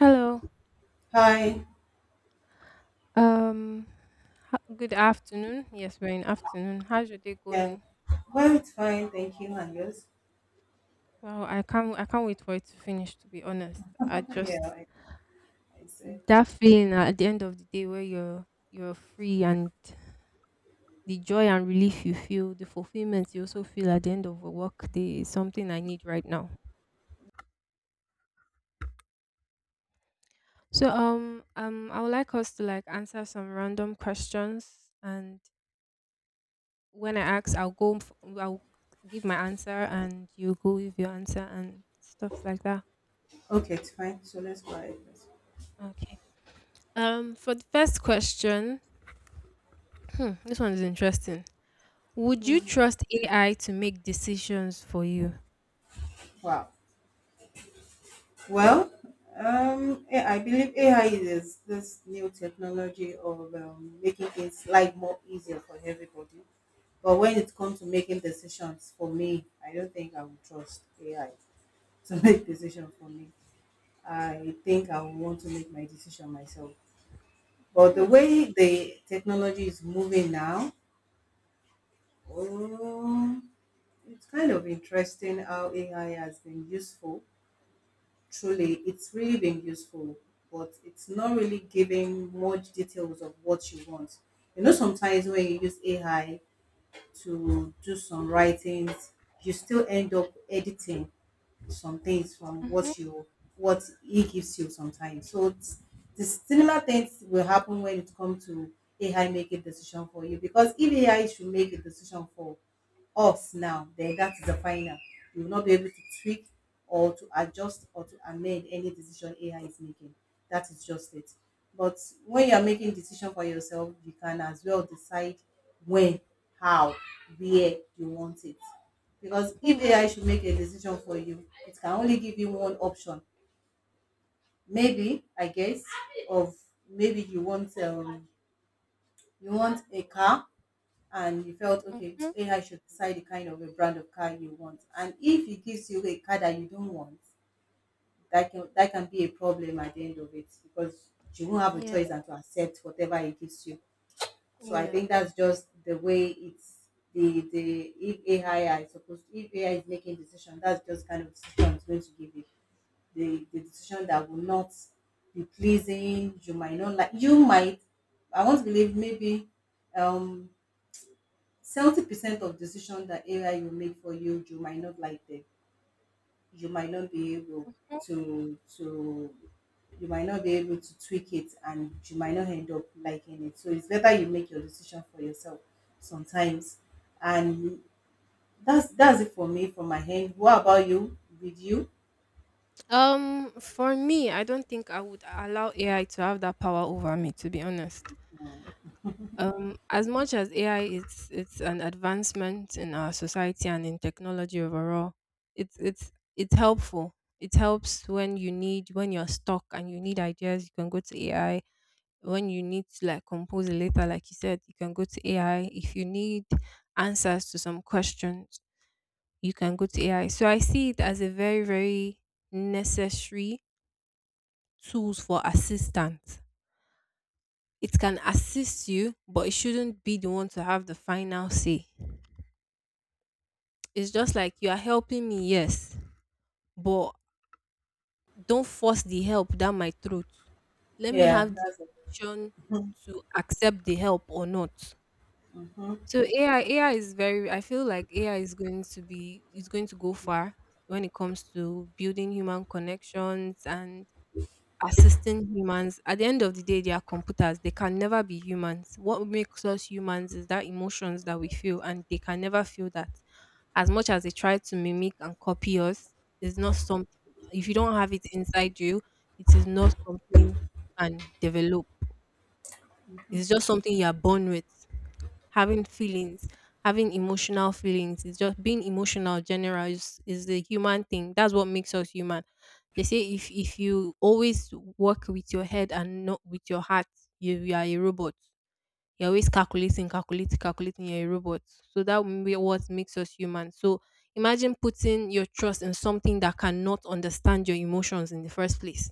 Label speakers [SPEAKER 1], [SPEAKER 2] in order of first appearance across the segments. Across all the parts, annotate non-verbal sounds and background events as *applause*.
[SPEAKER 1] Hello.
[SPEAKER 2] Hi.
[SPEAKER 1] Um. Good afternoon. Yes, we're in afternoon. How's your day
[SPEAKER 2] Yeah.
[SPEAKER 1] going?
[SPEAKER 2] Well, it's fine. Thank you. And yours?
[SPEAKER 1] Wow, I can't wait for it to finish. To be honest, I
[SPEAKER 2] *laughs* Yeah,
[SPEAKER 1] just
[SPEAKER 2] I said.
[SPEAKER 1] that feeling at the end of the day where you're free and the joy and relief you feel, the fulfillment you also feel at the end of a work day is something I need right now. So, I would like us to like answer some random questions, and when I ask, I'll go. I'll give my answer, and you go with your answer and stuff like that.
[SPEAKER 2] Okay, it's fine. So let's go ahead first.
[SPEAKER 1] Okay. For the first question, this one is interesting. Would you trust AI to make decisions for you?
[SPEAKER 2] Wow. Well, yeah, I believe AI is this new technology of making things life more easier for everybody. But when it comes to making decisions for me, I don't think I would trust AI to *laughs* make decisions for me. I think I would want to make my decision myself. But the
[SPEAKER 1] Hmm.
[SPEAKER 2] way the technology is moving now, oh, it's kind of interesting how AI has been useful. Truly, it's really been useful, but it's not really giving much details of what you want. You know, sometimes when you use AI to do some writings, you still end up editing some things from
[SPEAKER 1] Mm-hmm.
[SPEAKER 2] what he gives you sometimes. So the similar things will happen when it comes to AI making decision for you, because if AI should make a decision for us now, then that is the final. You will not be able to tweak or to adjust or to amend any decision AI is making. That is just it. But when you are making decision for yourself, you can as well decide when, how, where you want it. Because if
[SPEAKER 1] Hmm.
[SPEAKER 2] AI should make a decision for you, it can only give you one option. Maybe, I guess, of maybe you want a car, and you felt okay,
[SPEAKER 1] Mhm.
[SPEAKER 2] AI should decide the kind of a brand of car you want. And if it gives you a car that you don't want, that can be a problem at the end of it, because you won't have a
[SPEAKER 1] Yeah.
[SPEAKER 2] choice than to accept whatever it gives you. So I
[SPEAKER 1] Yeah.
[SPEAKER 2] think that's just the way it's the if AI is making decision, that's just kind of decision it's going to give you. The decision that will not be pleasing, you might not like. You might I want to believe maybe um 70% of decision that AI will make for you, you might not like them, you might not be able
[SPEAKER 1] Mm.
[SPEAKER 2] to you might not be able to tweak it, and you might not end up liking it. So it's better you make your decision for yourself sometimes, and that's it for me from my end. What about you, did you?
[SPEAKER 1] For me, I don't think I would allow AI to have that power over me. To be honest,
[SPEAKER 2] No.
[SPEAKER 1] As much as AI it's an advancement in our society and in technology overall, it's it's it's helpful. It helps when you need when you're stuck and you need ideas, you can go to AI. When you need to like compose a letter, like you said, you can go to AI. If you need answers to some questions, you can go to AI. So I see it as a very, very necessary tools for assistance. It can assist you, but it shouldn't be the one to have the final say. It's just like you are helping me, yes, but don't force the help down my throat. Let me
[SPEAKER 2] Yeah,
[SPEAKER 1] have the
[SPEAKER 2] that's it.
[SPEAKER 1] option to accept the help or not.
[SPEAKER 2] Mhm.
[SPEAKER 1] So AI is very. I feel like AI is going to be is going to go far when it comes to building human connections and assisting humans. At the end of the day, they are computers. They can never be humans. What makes us humans is that emotions that we feel, and they can never feel that. As much as they try to mimic and copy us, it's not something. If you don't have it inside you, it is not something you can develop. It's just something you are born with, having feelings, having emotional feelings. It's just being emotional general is the human thing. That's what makes us human. They say if you always work with your head and not with your heart, you are a robot. You're always calculating, calculating, calculating, you're a robot. So that will be what makes us human. So imagine putting your trust in something that cannot understand your emotions in the first place,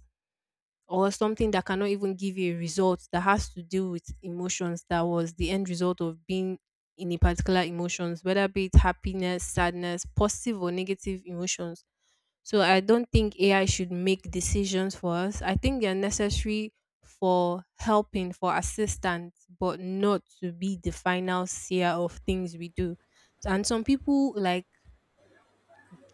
[SPEAKER 1] or something that cannot even give you a result that has to do with emotions, that was the end result of being in a particular emotions, whether be it happiness, sadness, positive or negative emotions. So I don't think AI should make decisions for us. I think they're necessary for helping, for assistance, but not to be the final seer of things we do. And some people like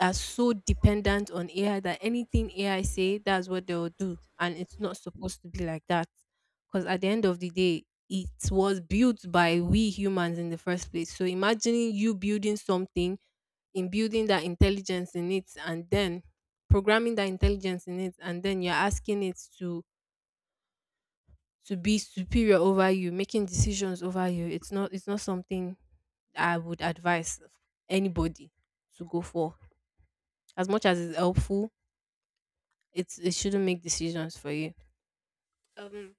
[SPEAKER 1] are so dependent on AI that anything AI say, that's what they'll do. And it's not supposed to be like that. Because at the end of the day, it was built by we humans in the first place. So imagining you building something, in building that intelligence in it, and then programming that intelligence in it, and then you're asking it to be superior over you, making decisions over you. It's not something I would advise anybody to go for. As much as it's helpful, it shouldn't make decisions for you. Um.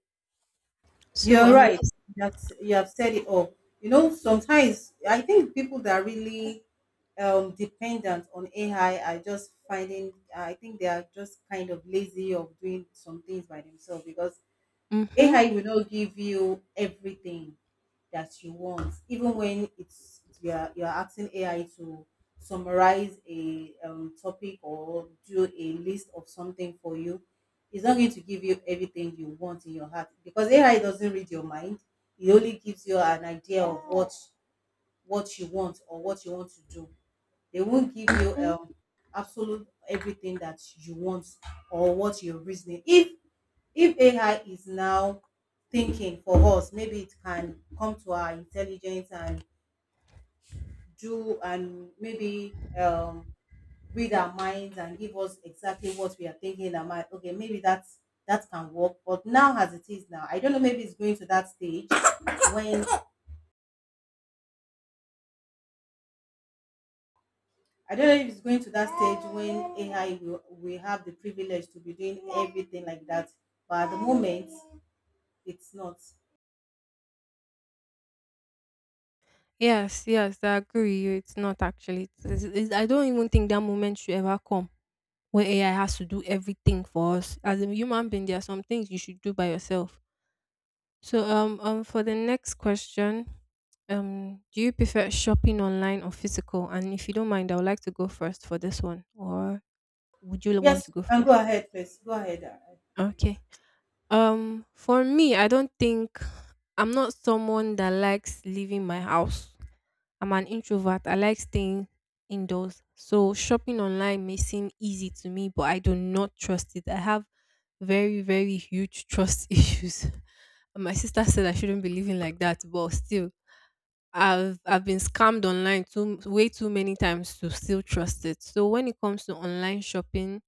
[SPEAKER 1] So
[SPEAKER 2] You're
[SPEAKER 1] um.
[SPEAKER 2] right.
[SPEAKER 1] Let's.
[SPEAKER 2] You have, you have said it all. You know, sometimes I think people that are really dependent on AI are just finding, I think they are just kind of lazy of doing some things by themselves, because
[SPEAKER 1] Mm-hmm.
[SPEAKER 2] AI will not give you everything that you want, even when it's you are asking AI to summarize a topic or do a list of something for you. It's not going to give you everything you want in your heart, because AI doesn't read your mind. It only gives you an idea of what you want or what you want to do. They won't give you
[SPEAKER 1] Mm-hmm.
[SPEAKER 2] absolute everything that you want or what your reasoning. If AI is now thinking for us, maybe it can come to our intelligence and do, and maybe read our minds and give us exactly what we are thinking in our mind. Okay, maybe that can work. But now, as it is now, I don't know, maybe it's going to that stage when, I don't know if it's going to that stage when AI will have the privilege to be doing everything like that. But at the moment, it's not.
[SPEAKER 1] Yes. Yes. I agree with you. It's not actually. I don't even think that moment should ever come where AI has to do everything for us. As a human being, there are some things you should do by yourself. So for the next question, do you prefer shopping online or physical? And if you don't mind, I would like to go first for this one. Or would you want to
[SPEAKER 2] Yes,
[SPEAKER 1] go
[SPEAKER 2] and go
[SPEAKER 1] first?
[SPEAKER 2] ahead, please. Go ahead.
[SPEAKER 1] Okay. For me, I don't think I'm not someone that likes leaving my house. I'm an introvert. I like staying indoors. So shopping online may seem easy to me, but I do not trust it. I have very, very huge trust *laughs* issues. My sister said I shouldn't be living like that, but still, I've been scammed online too way too many times to still trust it. So when it comes to online shopping,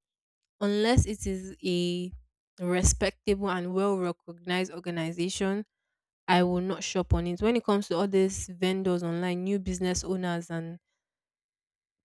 [SPEAKER 1] unless it is a respectable and well recognized organization, I will not shop on it. When it comes to all these vendors online, new business owners and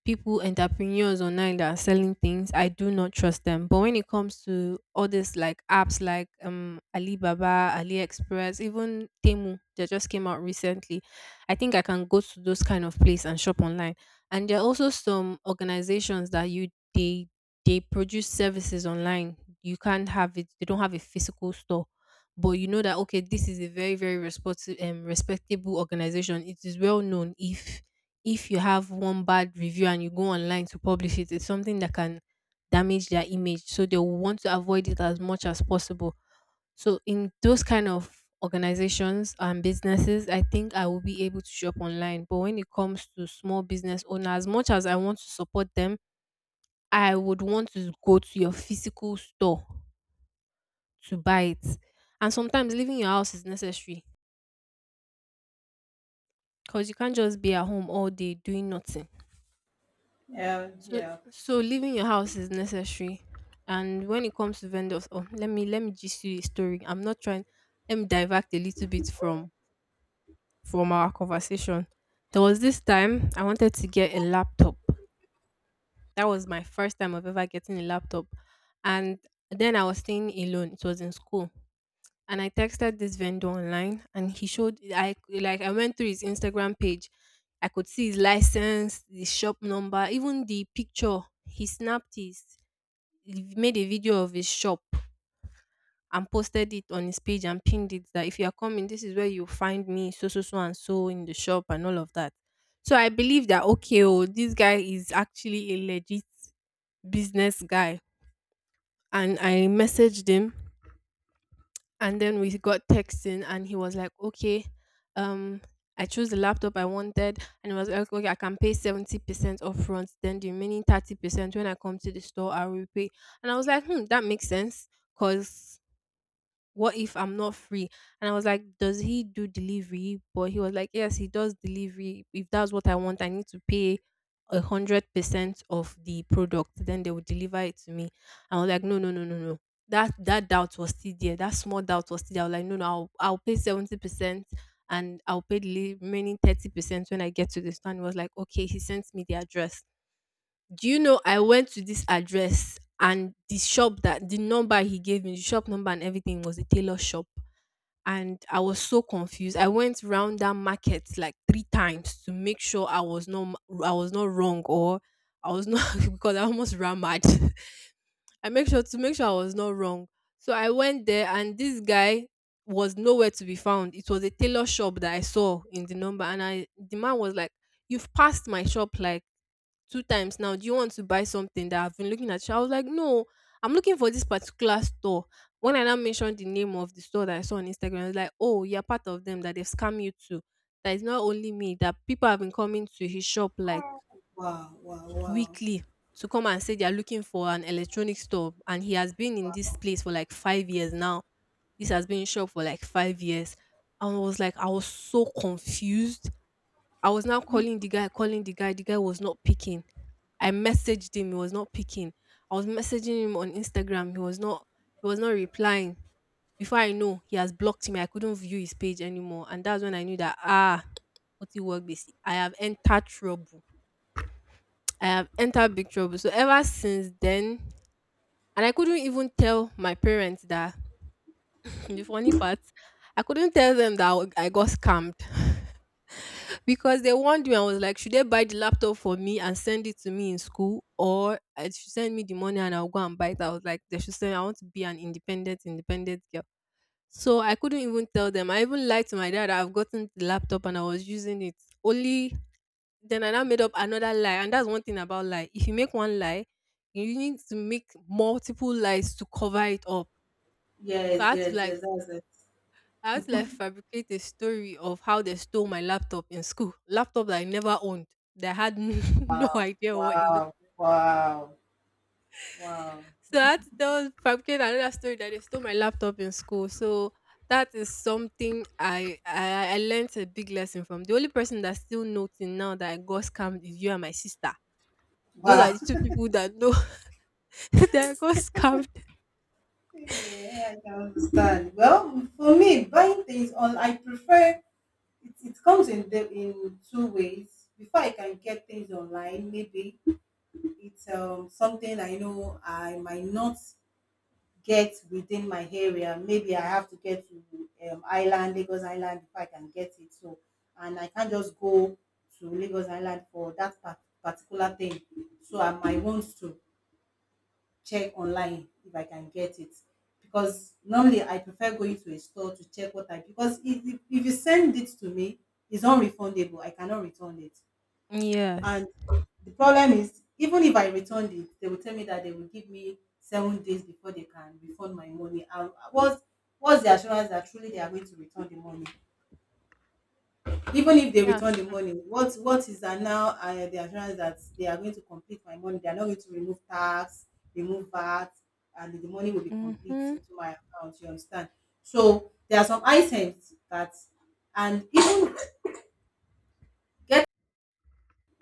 [SPEAKER 1] people, entrepreneurs online that are selling things, I do not trust them. But when it comes to all these like apps like Alibaba, AliExpress, even Temu that just came out recently, I think I can go to those kind of place and shop online. And there are also some organizations that you they produce services online. You can't have it, they don't have a physical store. But you know that okay, this is a very, very respectable organization. It is well known. If you have one bad review and you go online to publish it, it's something that can damage their image. So they will want to avoid it as much as possible. So in those kind of organizations and businesses, I think I will be able to shop online. But when it comes to small business owner, as much as I want to support them, I would want to go to your physical store to buy it. And sometimes leaving your house is necessary, because you can't just be at home all day doing nothing.
[SPEAKER 2] Yeah,
[SPEAKER 1] So
[SPEAKER 2] yeah.
[SPEAKER 1] so leaving your house is necessary. And when it comes to vendors, oh, let me just you a story. I'm not trying Let me divert a little bit from our conversation. There was this time I wanted to get a laptop. That was my first time of ever getting a laptop. And then I was staying alone. It was in school. And I texted this vendor online, and he showed I like I went through his Instagram page. I could see his license, the shop number, even the picture. He made a video of his shop and posted it on his page and pinned it that if you are coming, this is where you find me, so and so in the shop and all of that. So I believe that okay, oh, this guy is actually a legit business guy. And I messaged him, and then we got texting, and he was like, "Okay, um, I chose the laptop I wanted," and it was like, okay, I can pay 70% upfront, then the remaining 30% when I come to the store, I will pay. And I was like, that makes sense, because what if I'm not free? And I was like, does he do delivery? But he was like, yes, he does delivery. If that's what I want, I need to pay 100% of the product. Then they will deliver it to me. I was like, no, no, no, no, no. That doubt was still there. That small doubt was still there. I was like, no, no, I'll pay 70%, and I'll pay the remaining 30% when I get to the store. And he was like, okay, he sent me the address. Do you know I went to this address, and the shop that the number he gave me, the shop number and everything, was a tailor shop. And I was so confused. I went round that market like 3 times to make sure I was not wrong, or I was not *laughs* because I almost ran mad. *laughs* I make sure to make sure I was not wrong. So I went there and this guy was nowhere to be found. It was a tailor shop that I saw in the number, and I the man was like, "You've passed my shop like 2 times now. Do you want to buy something that I've been looking at?" I was like, no, I'm looking for this particular store. When I now mentioned the name of the store that I saw on Instagram, I was like, oh, you're part of them that they've scammed you to. That is not only me, that people have been coming to his shop like
[SPEAKER 2] Wow, wow, wow.
[SPEAKER 1] weekly to come and say they're looking for an electronic store. And he has been in this place for like 5 years now. This has been in shop for like 5 years. And I was like, I was so confused. I was now calling the guy, calling the guy. The guy was not picking. I messaged him. He was not picking. I was messaging him on Instagram. He was not. He was not replying. Before I know, he has blocked me. I couldn't view his page anymore, and that's when I knew that what you work basic. I have entered trouble. I have entered big trouble. So ever since then, and I couldn't even tell my parents that. *laughs* The funny part, I couldn't tell them that I got scammed. *laughs* Because they warned me, I was like, should they buy the laptop for me and send it to me in school, or I should send me the money and I'll go and buy it? I was like, they should send. I want to be an independent girl. So I couldn't even tell them. I even lied to my dad. I've gotten the laptop and I was using it. Only then I now made up another lie, and that's one thing about lie. If you make one lie, you need to make multiple lies to cover it up. So
[SPEAKER 2] Yes,
[SPEAKER 1] I had to
[SPEAKER 2] yes,
[SPEAKER 1] like
[SPEAKER 2] yes, that's it.
[SPEAKER 1] I had to like fabricate a story of how they stole my laptop in school. Laptop that I never owned. That I had *laughs* no idea what it looked
[SPEAKER 2] Wow, wow,
[SPEAKER 1] like.
[SPEAKER 2] wow,
[SPEAKER 1] So I had to tell fabricate another story that they stole my laptop in school. So that is something I learned a big lesson from. The only person that's still noting now that I got scammed is you and my sister. Those are
[SPEAKER 2] wow.
[SPEAKER 1] the two
[SPEAKER 2] *laughs*
[SPEAKER 1] people that know *laughs* that I got scammed.
[SPEAKER 2] Yeah, I can understand. Well, for me, I prefer it comes in two ways. Before I can get things online, maybe it's something I know I might not get within my area. Maybe I have to get to Lagos Island, if I can get it. So, and I can't just go to Lagos Island for that particular thing. So, I might want to check online if I can get it. Because normally I prefer going to a store to check what I because if you send it to me, it's unrefundable. I cannot return it.
[SPEAKER 1] Yes.
[SPEAKER 2] And the problem is, even if I returned it, they will tell me that they will give me 7 days before they can refund my money. And what's the assurance that truly they are going to return the money?
[SPEAKER 1] Mm,
[SPEAKER 2] Even if they
[SPEAKER 1] yeah,
[SPEAKER 2] return the
[SPEAKER 1] sure.
[SPEAKER 2] money, what is that now, the assurance that they are going to complete my money? They are not going to remove tax, remove VAT, and the money will be complete
[SPEAKER 1] Mm-hmm.
[SPEAKER 2] into my account. You understand? So there are some items that, and even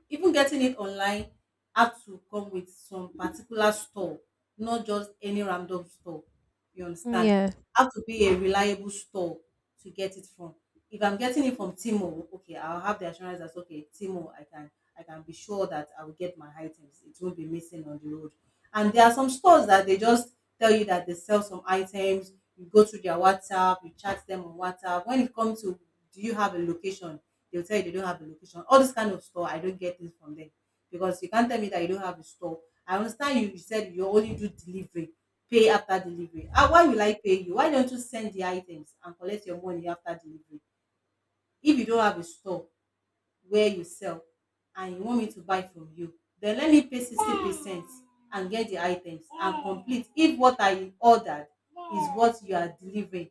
[SPEAKER 2] even getting it online had to come with some particular store, not just any random store. You understand?
[SPEAKER 1] Yeah.
[SPEAKER 2] Have to be a reliable store to get it from. If I'm getting it from Timo, okay, I'll have the assurance that okay, Timo, I can be sure that I will get my items. It won't be missing on the road. And there are some stores that they just tell you that they sell some items. You go to their WhatsApp, you chat them on WhatsApp. When it comes to, do you have a location? They'll tell you they don't have a location. All this kind of store, I don't get things from them, because you can't tell me that you don't have a store. I understand you said you only do delivery, pay after delivery. Ah, why will I pay you? Why don't you send the items and collect your money after delivery? If you don't have a store where you sell, and you want me to buy from you, then let me pay 60% and get the items, and complete if what I ordered is what you are delivering.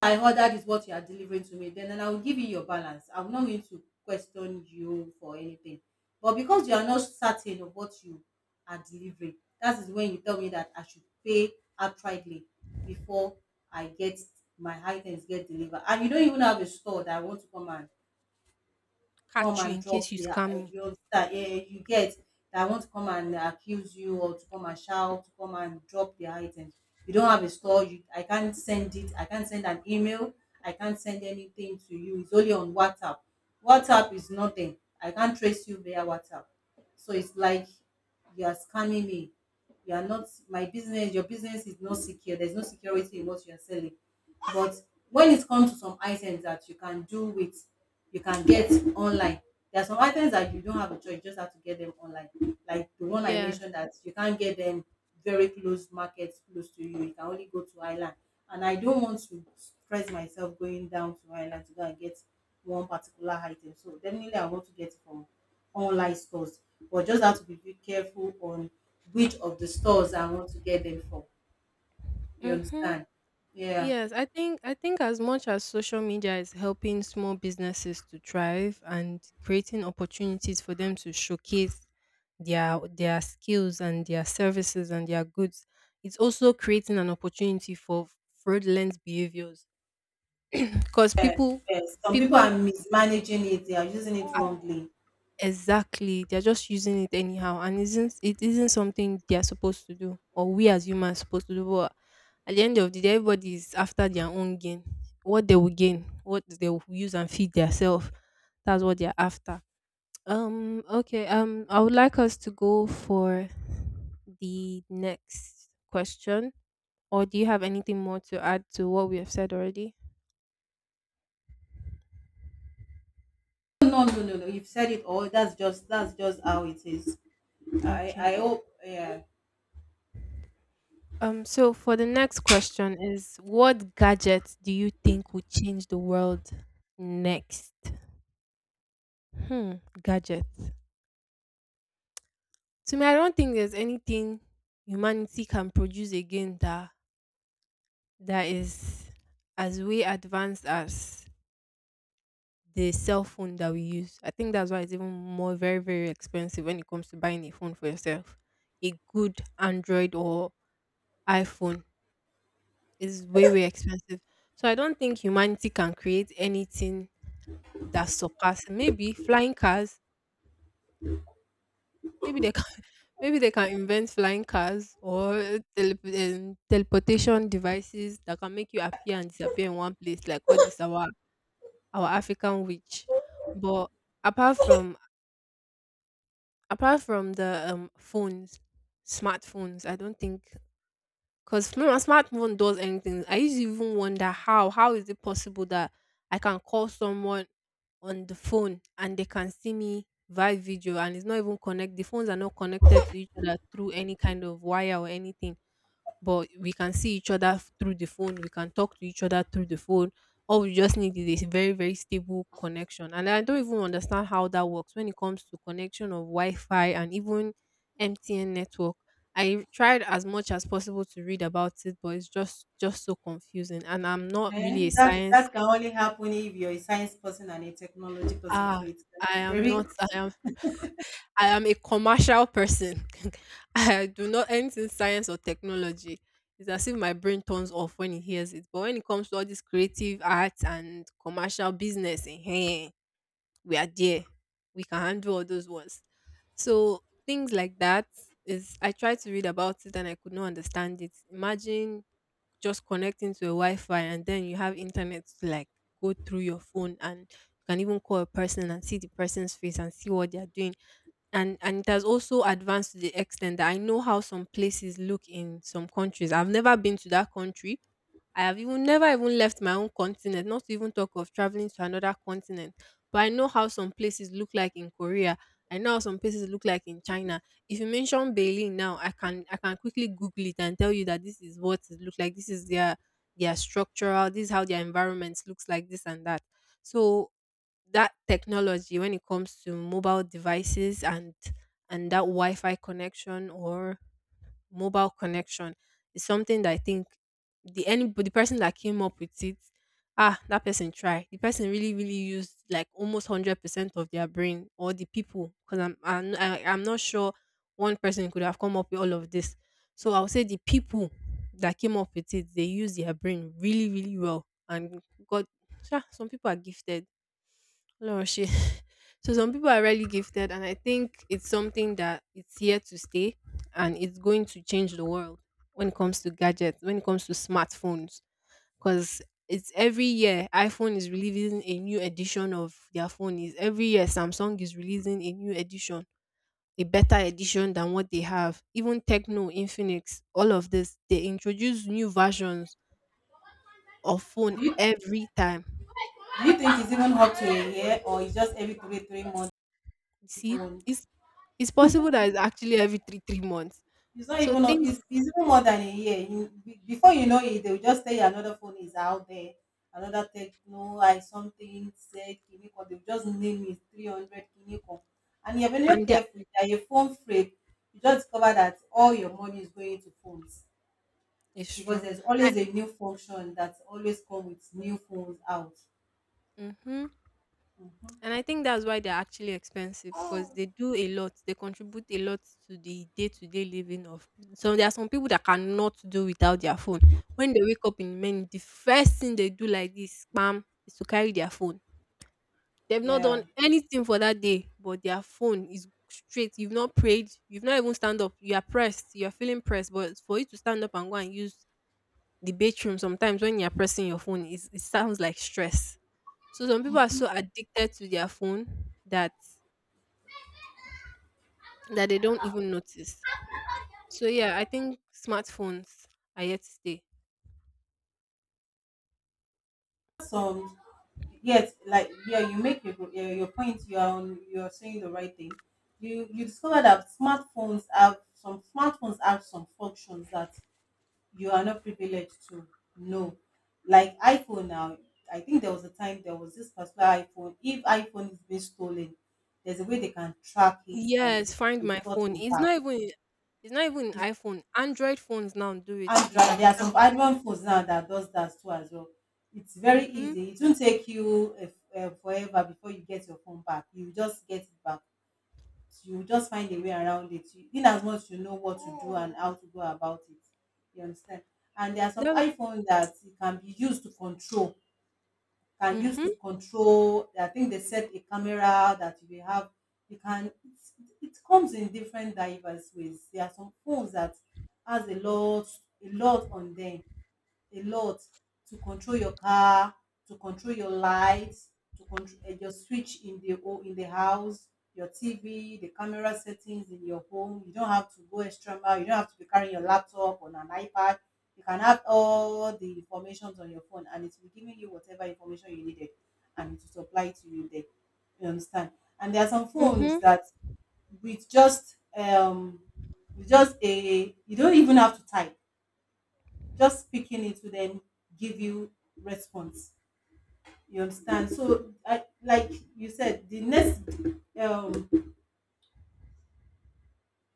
[SPEAKER 2] I heard that is what you are delivering to me, then, and I will give you your balance. I'm not going to question you for anything. But because you are not certain of what you are delivering, that is when you tell me that I should pay outrightly before I get my items get delivered. And you don't even have a store that I want to come and come
[SPEAKER 1] Catch you
[SPEAKER 2] and
[SPEAKER 1] in case
[SPEAKER 2] drop
[SPEAKER 1] you
[SPEAKER 2] their,
[SPEAKER 1] scam
[SPEAKER 2] eh,
[SPEAKER 1] me.
[SPEAKER 2] you understand, eh, you get that, want to come and accuse you or to come and shout, to come and drop their items. You don't have a store. You, I can't send it. I can't send an email. I can't send anything to you. It's only on WhatsApp. WhatsApp is nothing. I can't trace you via WhatsApp. So it's like you are scamming me. You are not my business. Your business is not secure. There's no security in what you are selling. But when it comes to some items that you can do with, you can get online. There are some items that you don't have a choice. You just have to get them online. Like the one I
[SPEAKER 1] Yes.
[SPEAKER 2] mentioned that you can't get them very close markets close to you. You can only go to island. And I don't want to stress myself going down to island to go and get one particular item. So definitely I want to get it from online stores, but just have to be very careful on which of the stores I want to get them from. You
[SPEAKER 1] Mm-hmm.
[SPEAKER 2] understand? Yeah.
[SPEAKER 1] Yes, I think as much as social media is helping small businesses to thrive and creating opportunities for them to showcase their skills and their services and their goods, it's also creating an opportunity for fraudulent behaviors because people
[SPEAKER 2] Yes. Some people
[SPEAKER 1] people
[SPEAKER 2] are mismanaging it. They are using it wrongly.
[SPEAKER 1] Exactly. They're just using it anyhow and isn't something they are supposed to do or we as humans supposed to do. But at the end of the day, everybody is after their own gain. What they will gain, what they will use and feed themselves. That's what they're after. Okay, I would like us to go for the next question. Or do you have anything more to add to what we have said already?
[SPEAKER 2] No, no, no, no, no. You've said it all. That's just how it is. I
[SPEAKER 1] Okay.
[SPEAKER 2] I hope. Yeah.
[SPEAKER 1] So for the next question is what gadget do you think would change the world next? Hmm, gadget. To me, I don't think there's anything humanity can produce again that is as way advanced as the cell phone that we use. I think that's why it's even more very, very expensive when it comes to buying a phone for yourself. A good Android or iPhone is way, way expensive. So I don't think humanity can create anything that surpass maybe flying cars. Maybe they can *laughs* maybe they can invent flying cars or teleportation devices that can make you appear and disappear in one place, like what is our African witch. But apart from apart from the phones, smartphones, I don't think because no, my smartphone does anything. I used to even wonder how is it possible that I can call someone on the phone and they can see me via video and it's not even connect. The phones are not connected to each other through any kind of wire or anything but we can see each other through the phone. We can talk to each other through the phone. All we just need is a very, very stable connection. And I don't even understand how that works when it comes to connection of Wi Fi and even MTN network. I tried as much as possible to read about it, but it's just so confusing. And I'm not
[SPEAKER 2] Eh,
[SPEAKER 1] really a
[SPEAKER 2] that
[SPEAKER 1] science.
[SPEAKER 2] that can only happen if you're a science person and a technology person. So
[SPEAKER 1] Ah,
[SPEAKER 2] it's gonna
[SPEAKER 1] I
[SPEAKER 2] be
[SPEAKER 1] am not.
[SPEAKER 2] very.
[SPEAKER 1] I am. *laughs* I am a commercial person. *laughs* I do not anything science or technology. It's as if my brain turns off when it hears it. But when it comes to all this creative arts and commercial business, hey, we are there. We can handle all those ones. So things like that is I tried to read about it and I could not understand it. Imagine just connecting to a Wi-Fi, and then you have internet to like go through your phone, and you can even call a person and see the person's face and see what they are doing and it has also advanced to the extent that I know how some places look in some countries. I've never been to that country. I have even never even left my own continent, not to even talk of traveling to another continent. But I know how some places look like in Korea. I know how some places look like in China. If you mention Berlin now, I can quickly Google it and tell you that this is what it looks like. This is their structural. This is how their environment looks like. This and that. So that technology when it comes to mobile devices and that Wi-Fi connection or mobile connection is something that I think the person that came up with it. That person tried. The person really really used like almost 100% of their brain or the people because I'm not sure one person could have come up with all of this. So I would say the people that came up with it, they used their brain really really well and got. Sha, some people are gifted, no. *laughs* So some people are really gifted, and I think it's something that it's here to stay, and it's going to change the world when it comes to gadgets, when it comes to smartphones, because it's every year iPhone is releasing a new edition of their phone. Is every year Samsung is releasing a new edition, a better edition than what they have. Even Techno, Infinix, all of this, they introduce new versions of phone
[SPEAKER 2] Do you,
[SPEAKER 1] every time.
[SPEAKER 2] do you think it's even up to a year or it's just every three months
[SPEAKER 1] You see,
[SPEAKER 2] phone?
[SPEAKER 1] it's possible that it's actually every three months.
[SPEAKER 2] It's not
[SPEAKER 1] So
[SPEAKER 2] even a,
[SPEAKER 1] things
[SPEAKER 2] it's even more than a year. You, before you know it, they'll just say another phone is out there, another techno, I something said Kiniko. They'll just name it 300 Kiniko. And you're very
[SPEAKER 1] and yeah,
[SPEAKER 2] careful. If you're a phone freak, you just discover that all your money is going to phones,
[SPEAKER 1] it's
[SPEAKER 2] because
[SPEAKER 1] true.
[SPEAKER 2] there's
[SPEAKER 1] I
[SPEAKER 2] always a new function that always come with new phones out.
[SPEAKER 1] hmm and I think that's why they're actually expensive because they do a lot. They contribute a lot to the day-to-day living of. So there are some people that cannot do without their phone. When they wake up in the morning, the first thing they do like this, spam, is to carry their phone. They've not done
[SPEAKER 2] Yeah.
[SPEAKER 1] anything for that day, but their phone is straight. You've not prayed. You've not even stand up. You are pressed. You are feeling pressed. But for you to stand up and go and use the bathroom sometimes when you're pressing your phone, is it sounds like stress. So some people are so addicted to their phone that that they don't even notice. So yeah, I think smartphones are here to stay.
[SPEAKER 2] Some yes like yeah your point, you are on, you're saying the right thing. You discover that smartphones have some functions that you are not privileged to know. Like iPhone now, I think there was a time, there was this particular iPhone, if iPhone is being stolen, there's a way they can track it and
[SPEAKER 1] Yes,
[SPEAKER 2] it will
[SPEAKER 1] find
[SPEAKER 2] be
[SPEAKER 1] my phone.
[SPEAKER 2] gotten
[SPEAKER 1] It's
[SPEAKER 2] back.
[SPEAKER 1] not even it's not even an
[SPEAKER 2] It's
[SPEAKER 1] iPhone. Android phones now do it. You
[SPEAKER 2] Android,
[SPEAKER 1] can
[SPEAKER 2] there are
[SPEAKER 1] track.
[SPEAKER 2] some Android phones now that does that too as well. It's very
[SPEAKER 1] Mhm.
[SPEAKER 2] easy. It won't take you forever before you get your phone back. You just get it back. You just find a way around it. You, in as much you know what to do and how to go about it. You understand? And there are some
[SPEAKER 1] That-
[SPEAKER 2] iPhones that it can be used to control. Can use
[SPEAKER 1] Mhm.
[SPEAKER 2] to control. I think they set a camera that you will have. You can. It's, it comes in different diverse ways. There are some phones that has a lot, a lot on them a lot to control your car, to control your lights, to control your switch in the in the house, your TV, the camera settings in your home. You don't have to go extra mile. You don't have to be carrying your laptop on an iPad. You can have all the informations on your phone, and it will be giving you whatever information you needed, and it will supply to you there. You understand? And there are some phones
[SPEAKER 1] Mhm.
[SPEAKER 2] that with just um with just a you don't even have to type, just speaking it to them, give you response. You understand? So, I, like you said, the next um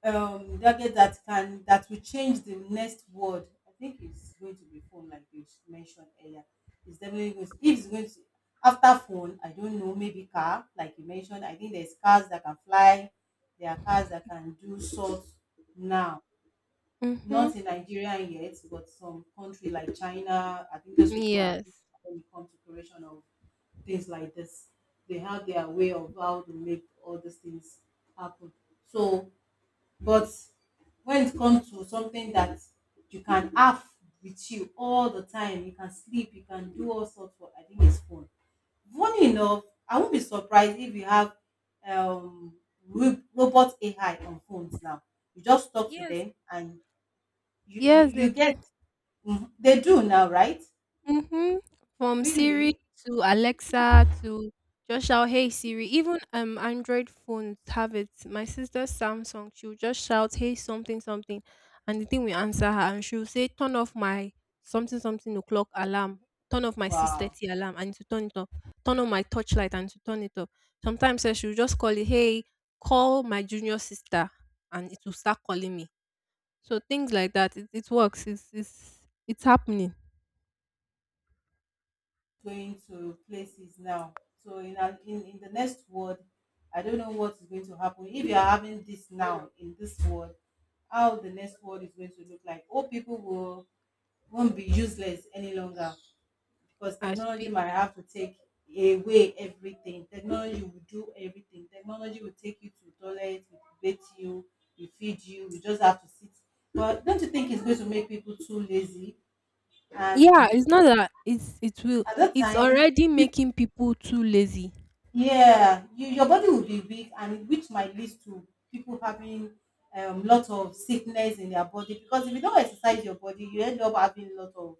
[SPEAKER 2] target that can that will change the next word, I think it's going to be phone, like you mentioned earlier. It's definitely going to, if it's going to, after phone I don't know, maybe car, like you mentioned. I think there's cars that can fly, there are cars that can do sorts now.
[SPEAKER 1] Mhm.
[SPEAKER 2] Not in Nigeria yet, but some country like China, I think those people are good
[SPEAKER 1] Yes.
[SPEAKER 2] when it comes to creation of things like this. They have their way of how to make all these things happen. So, but when it comes to something that you can have with you all the time, you can sleep, you can do all sorts of, I think it's fun. Funny enough, I won't be surprised if you have um, robot AI on phones now. You just talk to
[SPEAKER 1] Yes.
[SPEAKER 2] them and
[SPEAKER 1] Yes, they
[SPEAKER 2] you get.
[SPEAKER 1] do.
[SPEAKER 2] Mhm. They do now, right?
[SPEAKER 1] Mhm. From Siri
[SPEAKER 2] Really?
[SPEAKER 1] to Alexa to just shout, "Hey Siri." Even Android phones have it. My sister's Samsung, she'll just shout, "Hey something something," and the thing will answer her, and she'll say, "Turn off my something something o'clock alarm. Turn off my six
[SPEAKER 2] Wow.
[SPEAKER 1] thirty alarm," and to turn it off. "Turn on my torchlight," and to turn it off. Sometimes sef, she'll just call it, "Hey, call my junior sister," and it will start calling me. So things like that. It works. It's happening.
[SPEAKER 2] Going to places now. So in the next world, I don't know what is going to happen. If you are having this now in this world, how the next world is going to look like? Old people will won't be useless any longer because
[SPEAKER 1] I
[SPEAKER 2] technology
[SPEAKER 1] speak.
[SPEAKER 2] might have to take away everything. Technology will do everything. Technology will take you to the toilet, will bathe you, will feed you. You just have to sit. But don't you think it's going to make people too lazy?
[SPEAKER 1] Yeah,
[SPEAKER 2] And
[SPEAKER 1] it's not that it's it will
[SPEAKER 2] at that
[SPEAKER 1] it's
[SPEAKER 2] time,
[SPEAKER 1] already making people too lazy.
[SPEAKER 2] yeah, you, your body will be weak, and which might lead to people having lot of sickness in their body, because if you don't exercise your body you end up having lot of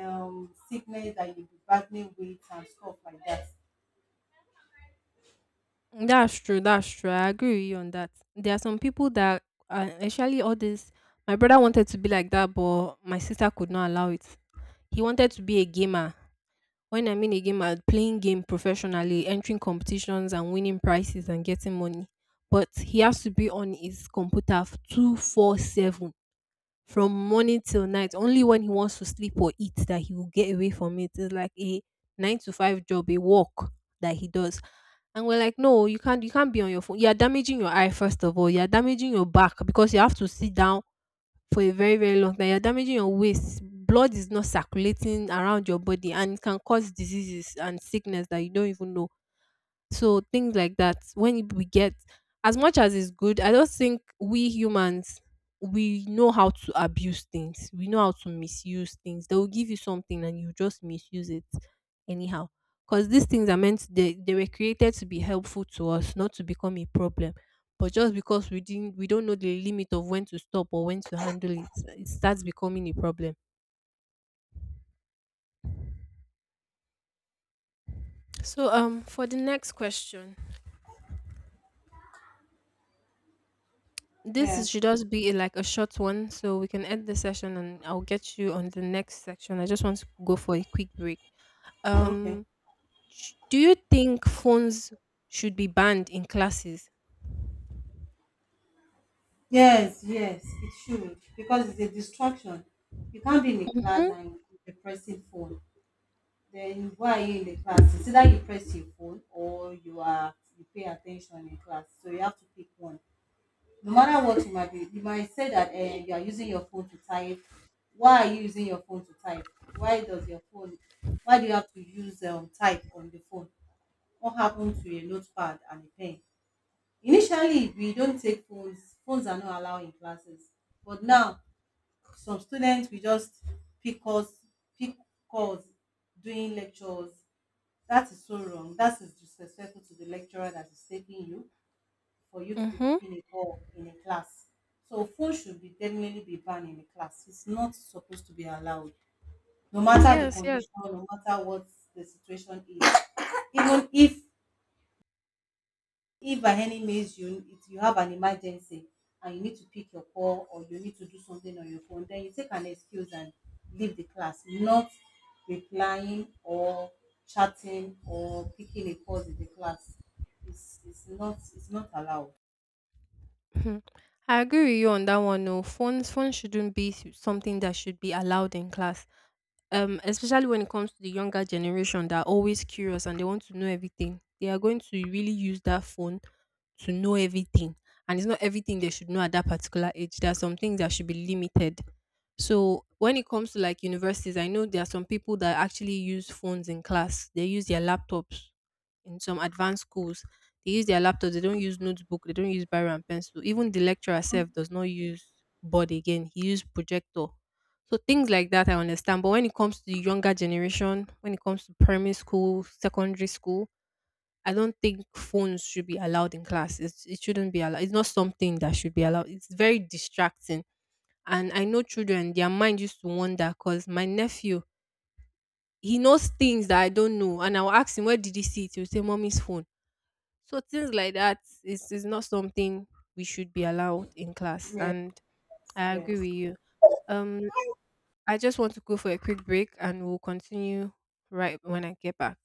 [SPEAKER 2] sickness that you'll be battling with and stuff like that.
[SPEAKER 1] That's true, that's true. I agree with you on that. There are some people that actually all this my brother wanted to be like that but my sister could not allow it. He wanted to be a gamer. When I mean a gamer, playing game professionally, entering competitions and winning prizes and getting money. But he has to be on his computer 24/7 from morning till night. Only when he wants to sleep or eat that he will get away from it. It's like a nine to five job, a work that he does. And we're like, no, you can't be on your phone. You're damaging your eye, first of all. You're damaging your back because you have to sit down for a very, very long time. You're damaging your waist. Blood is not circulating around your body and it can cause diseases and sickness that you don't even know. So things like that. When we get as much as it's good, I don't think we humans we know how to abuse things. We know how to misuse things. They will give you something and you just misuse it anyhow. Because these things are meant they were created to be helpful to us, not to become a problem. But just because we don't know the limit of when to stop or when to handle it, it starts becoming a problem. So for the next question,
[SPEAKER 2] Yeah.
[SPEAKER 1] should just be like a short one, so we can end the session, and I'll get you on the next section. I just want to go for a quick break.
[SPEAKER 2] Okay.
[SPEAKER 1] Um, do you think phones should be banned in classes?
[SPEAKER 2] Yes, yes, it should, because it's a distraction. You can't be in a class
[SPEAKER 1] Mm-hmm.
[SPEAKER 2] and depressing phone. Then why are you in the class? It's either you press your phone or you pay attention in class. So you have to pick one. No matter what you might be, you might say that you are using your phone to type. Why are you using your phone to type? Why does your phone? Why do you have to use, type on the phone? What happened to a notepad and a pen? Initially, we don't take phones. Phones are not allowed in classes, but now some students we just pick us pick calls during lectures. That is so wrong. That is disrespectful to the lecturer that is taking you, for you to be
[SPEAKER 1] Mm-hmm.
[SPEAKER 2] picking a ball in a class. So phone should be definitely be banned in a class. It's not supposed to be allowed, no matter the
[SPEAKER 1] Yes. Yes.
[SPEAKER 2] condition, no matter what the situation is. Even if by any means you if you have an emergency and you need to pick your call or you need to do something on your phone, then you take an excuse and leave the class, not replying or chatting or picking a pause in the class. It's not allowed.
[SPEAKER 1] Mhm. I agree with you on that one. No, phones shouldn't be something that should be allowed in class. Especially when it comes to the younger generation that are always curious and they want to know everything. They are going to really use that phone to know everything, and it's not everything they should know at that particular age. There are some things that should be limited. So when it comes to like universities, I know there are some people that actually use phones in class. They use their laptops in some advanced schools they use their laptops. They don't use notebook. They don't use biro and pencil. Even the lecturer herself does not use board again. He used projector. So things like that I understand. But when it comes to the younger generation, when it comes to primary school, secondary school, I don't think phones should be allowed in class. It shouldn't be allowed. It's not something that should be allowed. It's very distracting. And I know children, their mind used to wander because my nephew, he knows things that I don't know. And I'll ask him, where did he see it? He'll say, mommy's phone. So things like that is not something we should be allowed in class,
[SPEAKER 2] Yes,
[SPEAKER 1] and I agree
[SPEAKER 2] yes.
[SPEAKER 1] with you. Um, I just want to go for a quick break, and we'll continue right when I get back.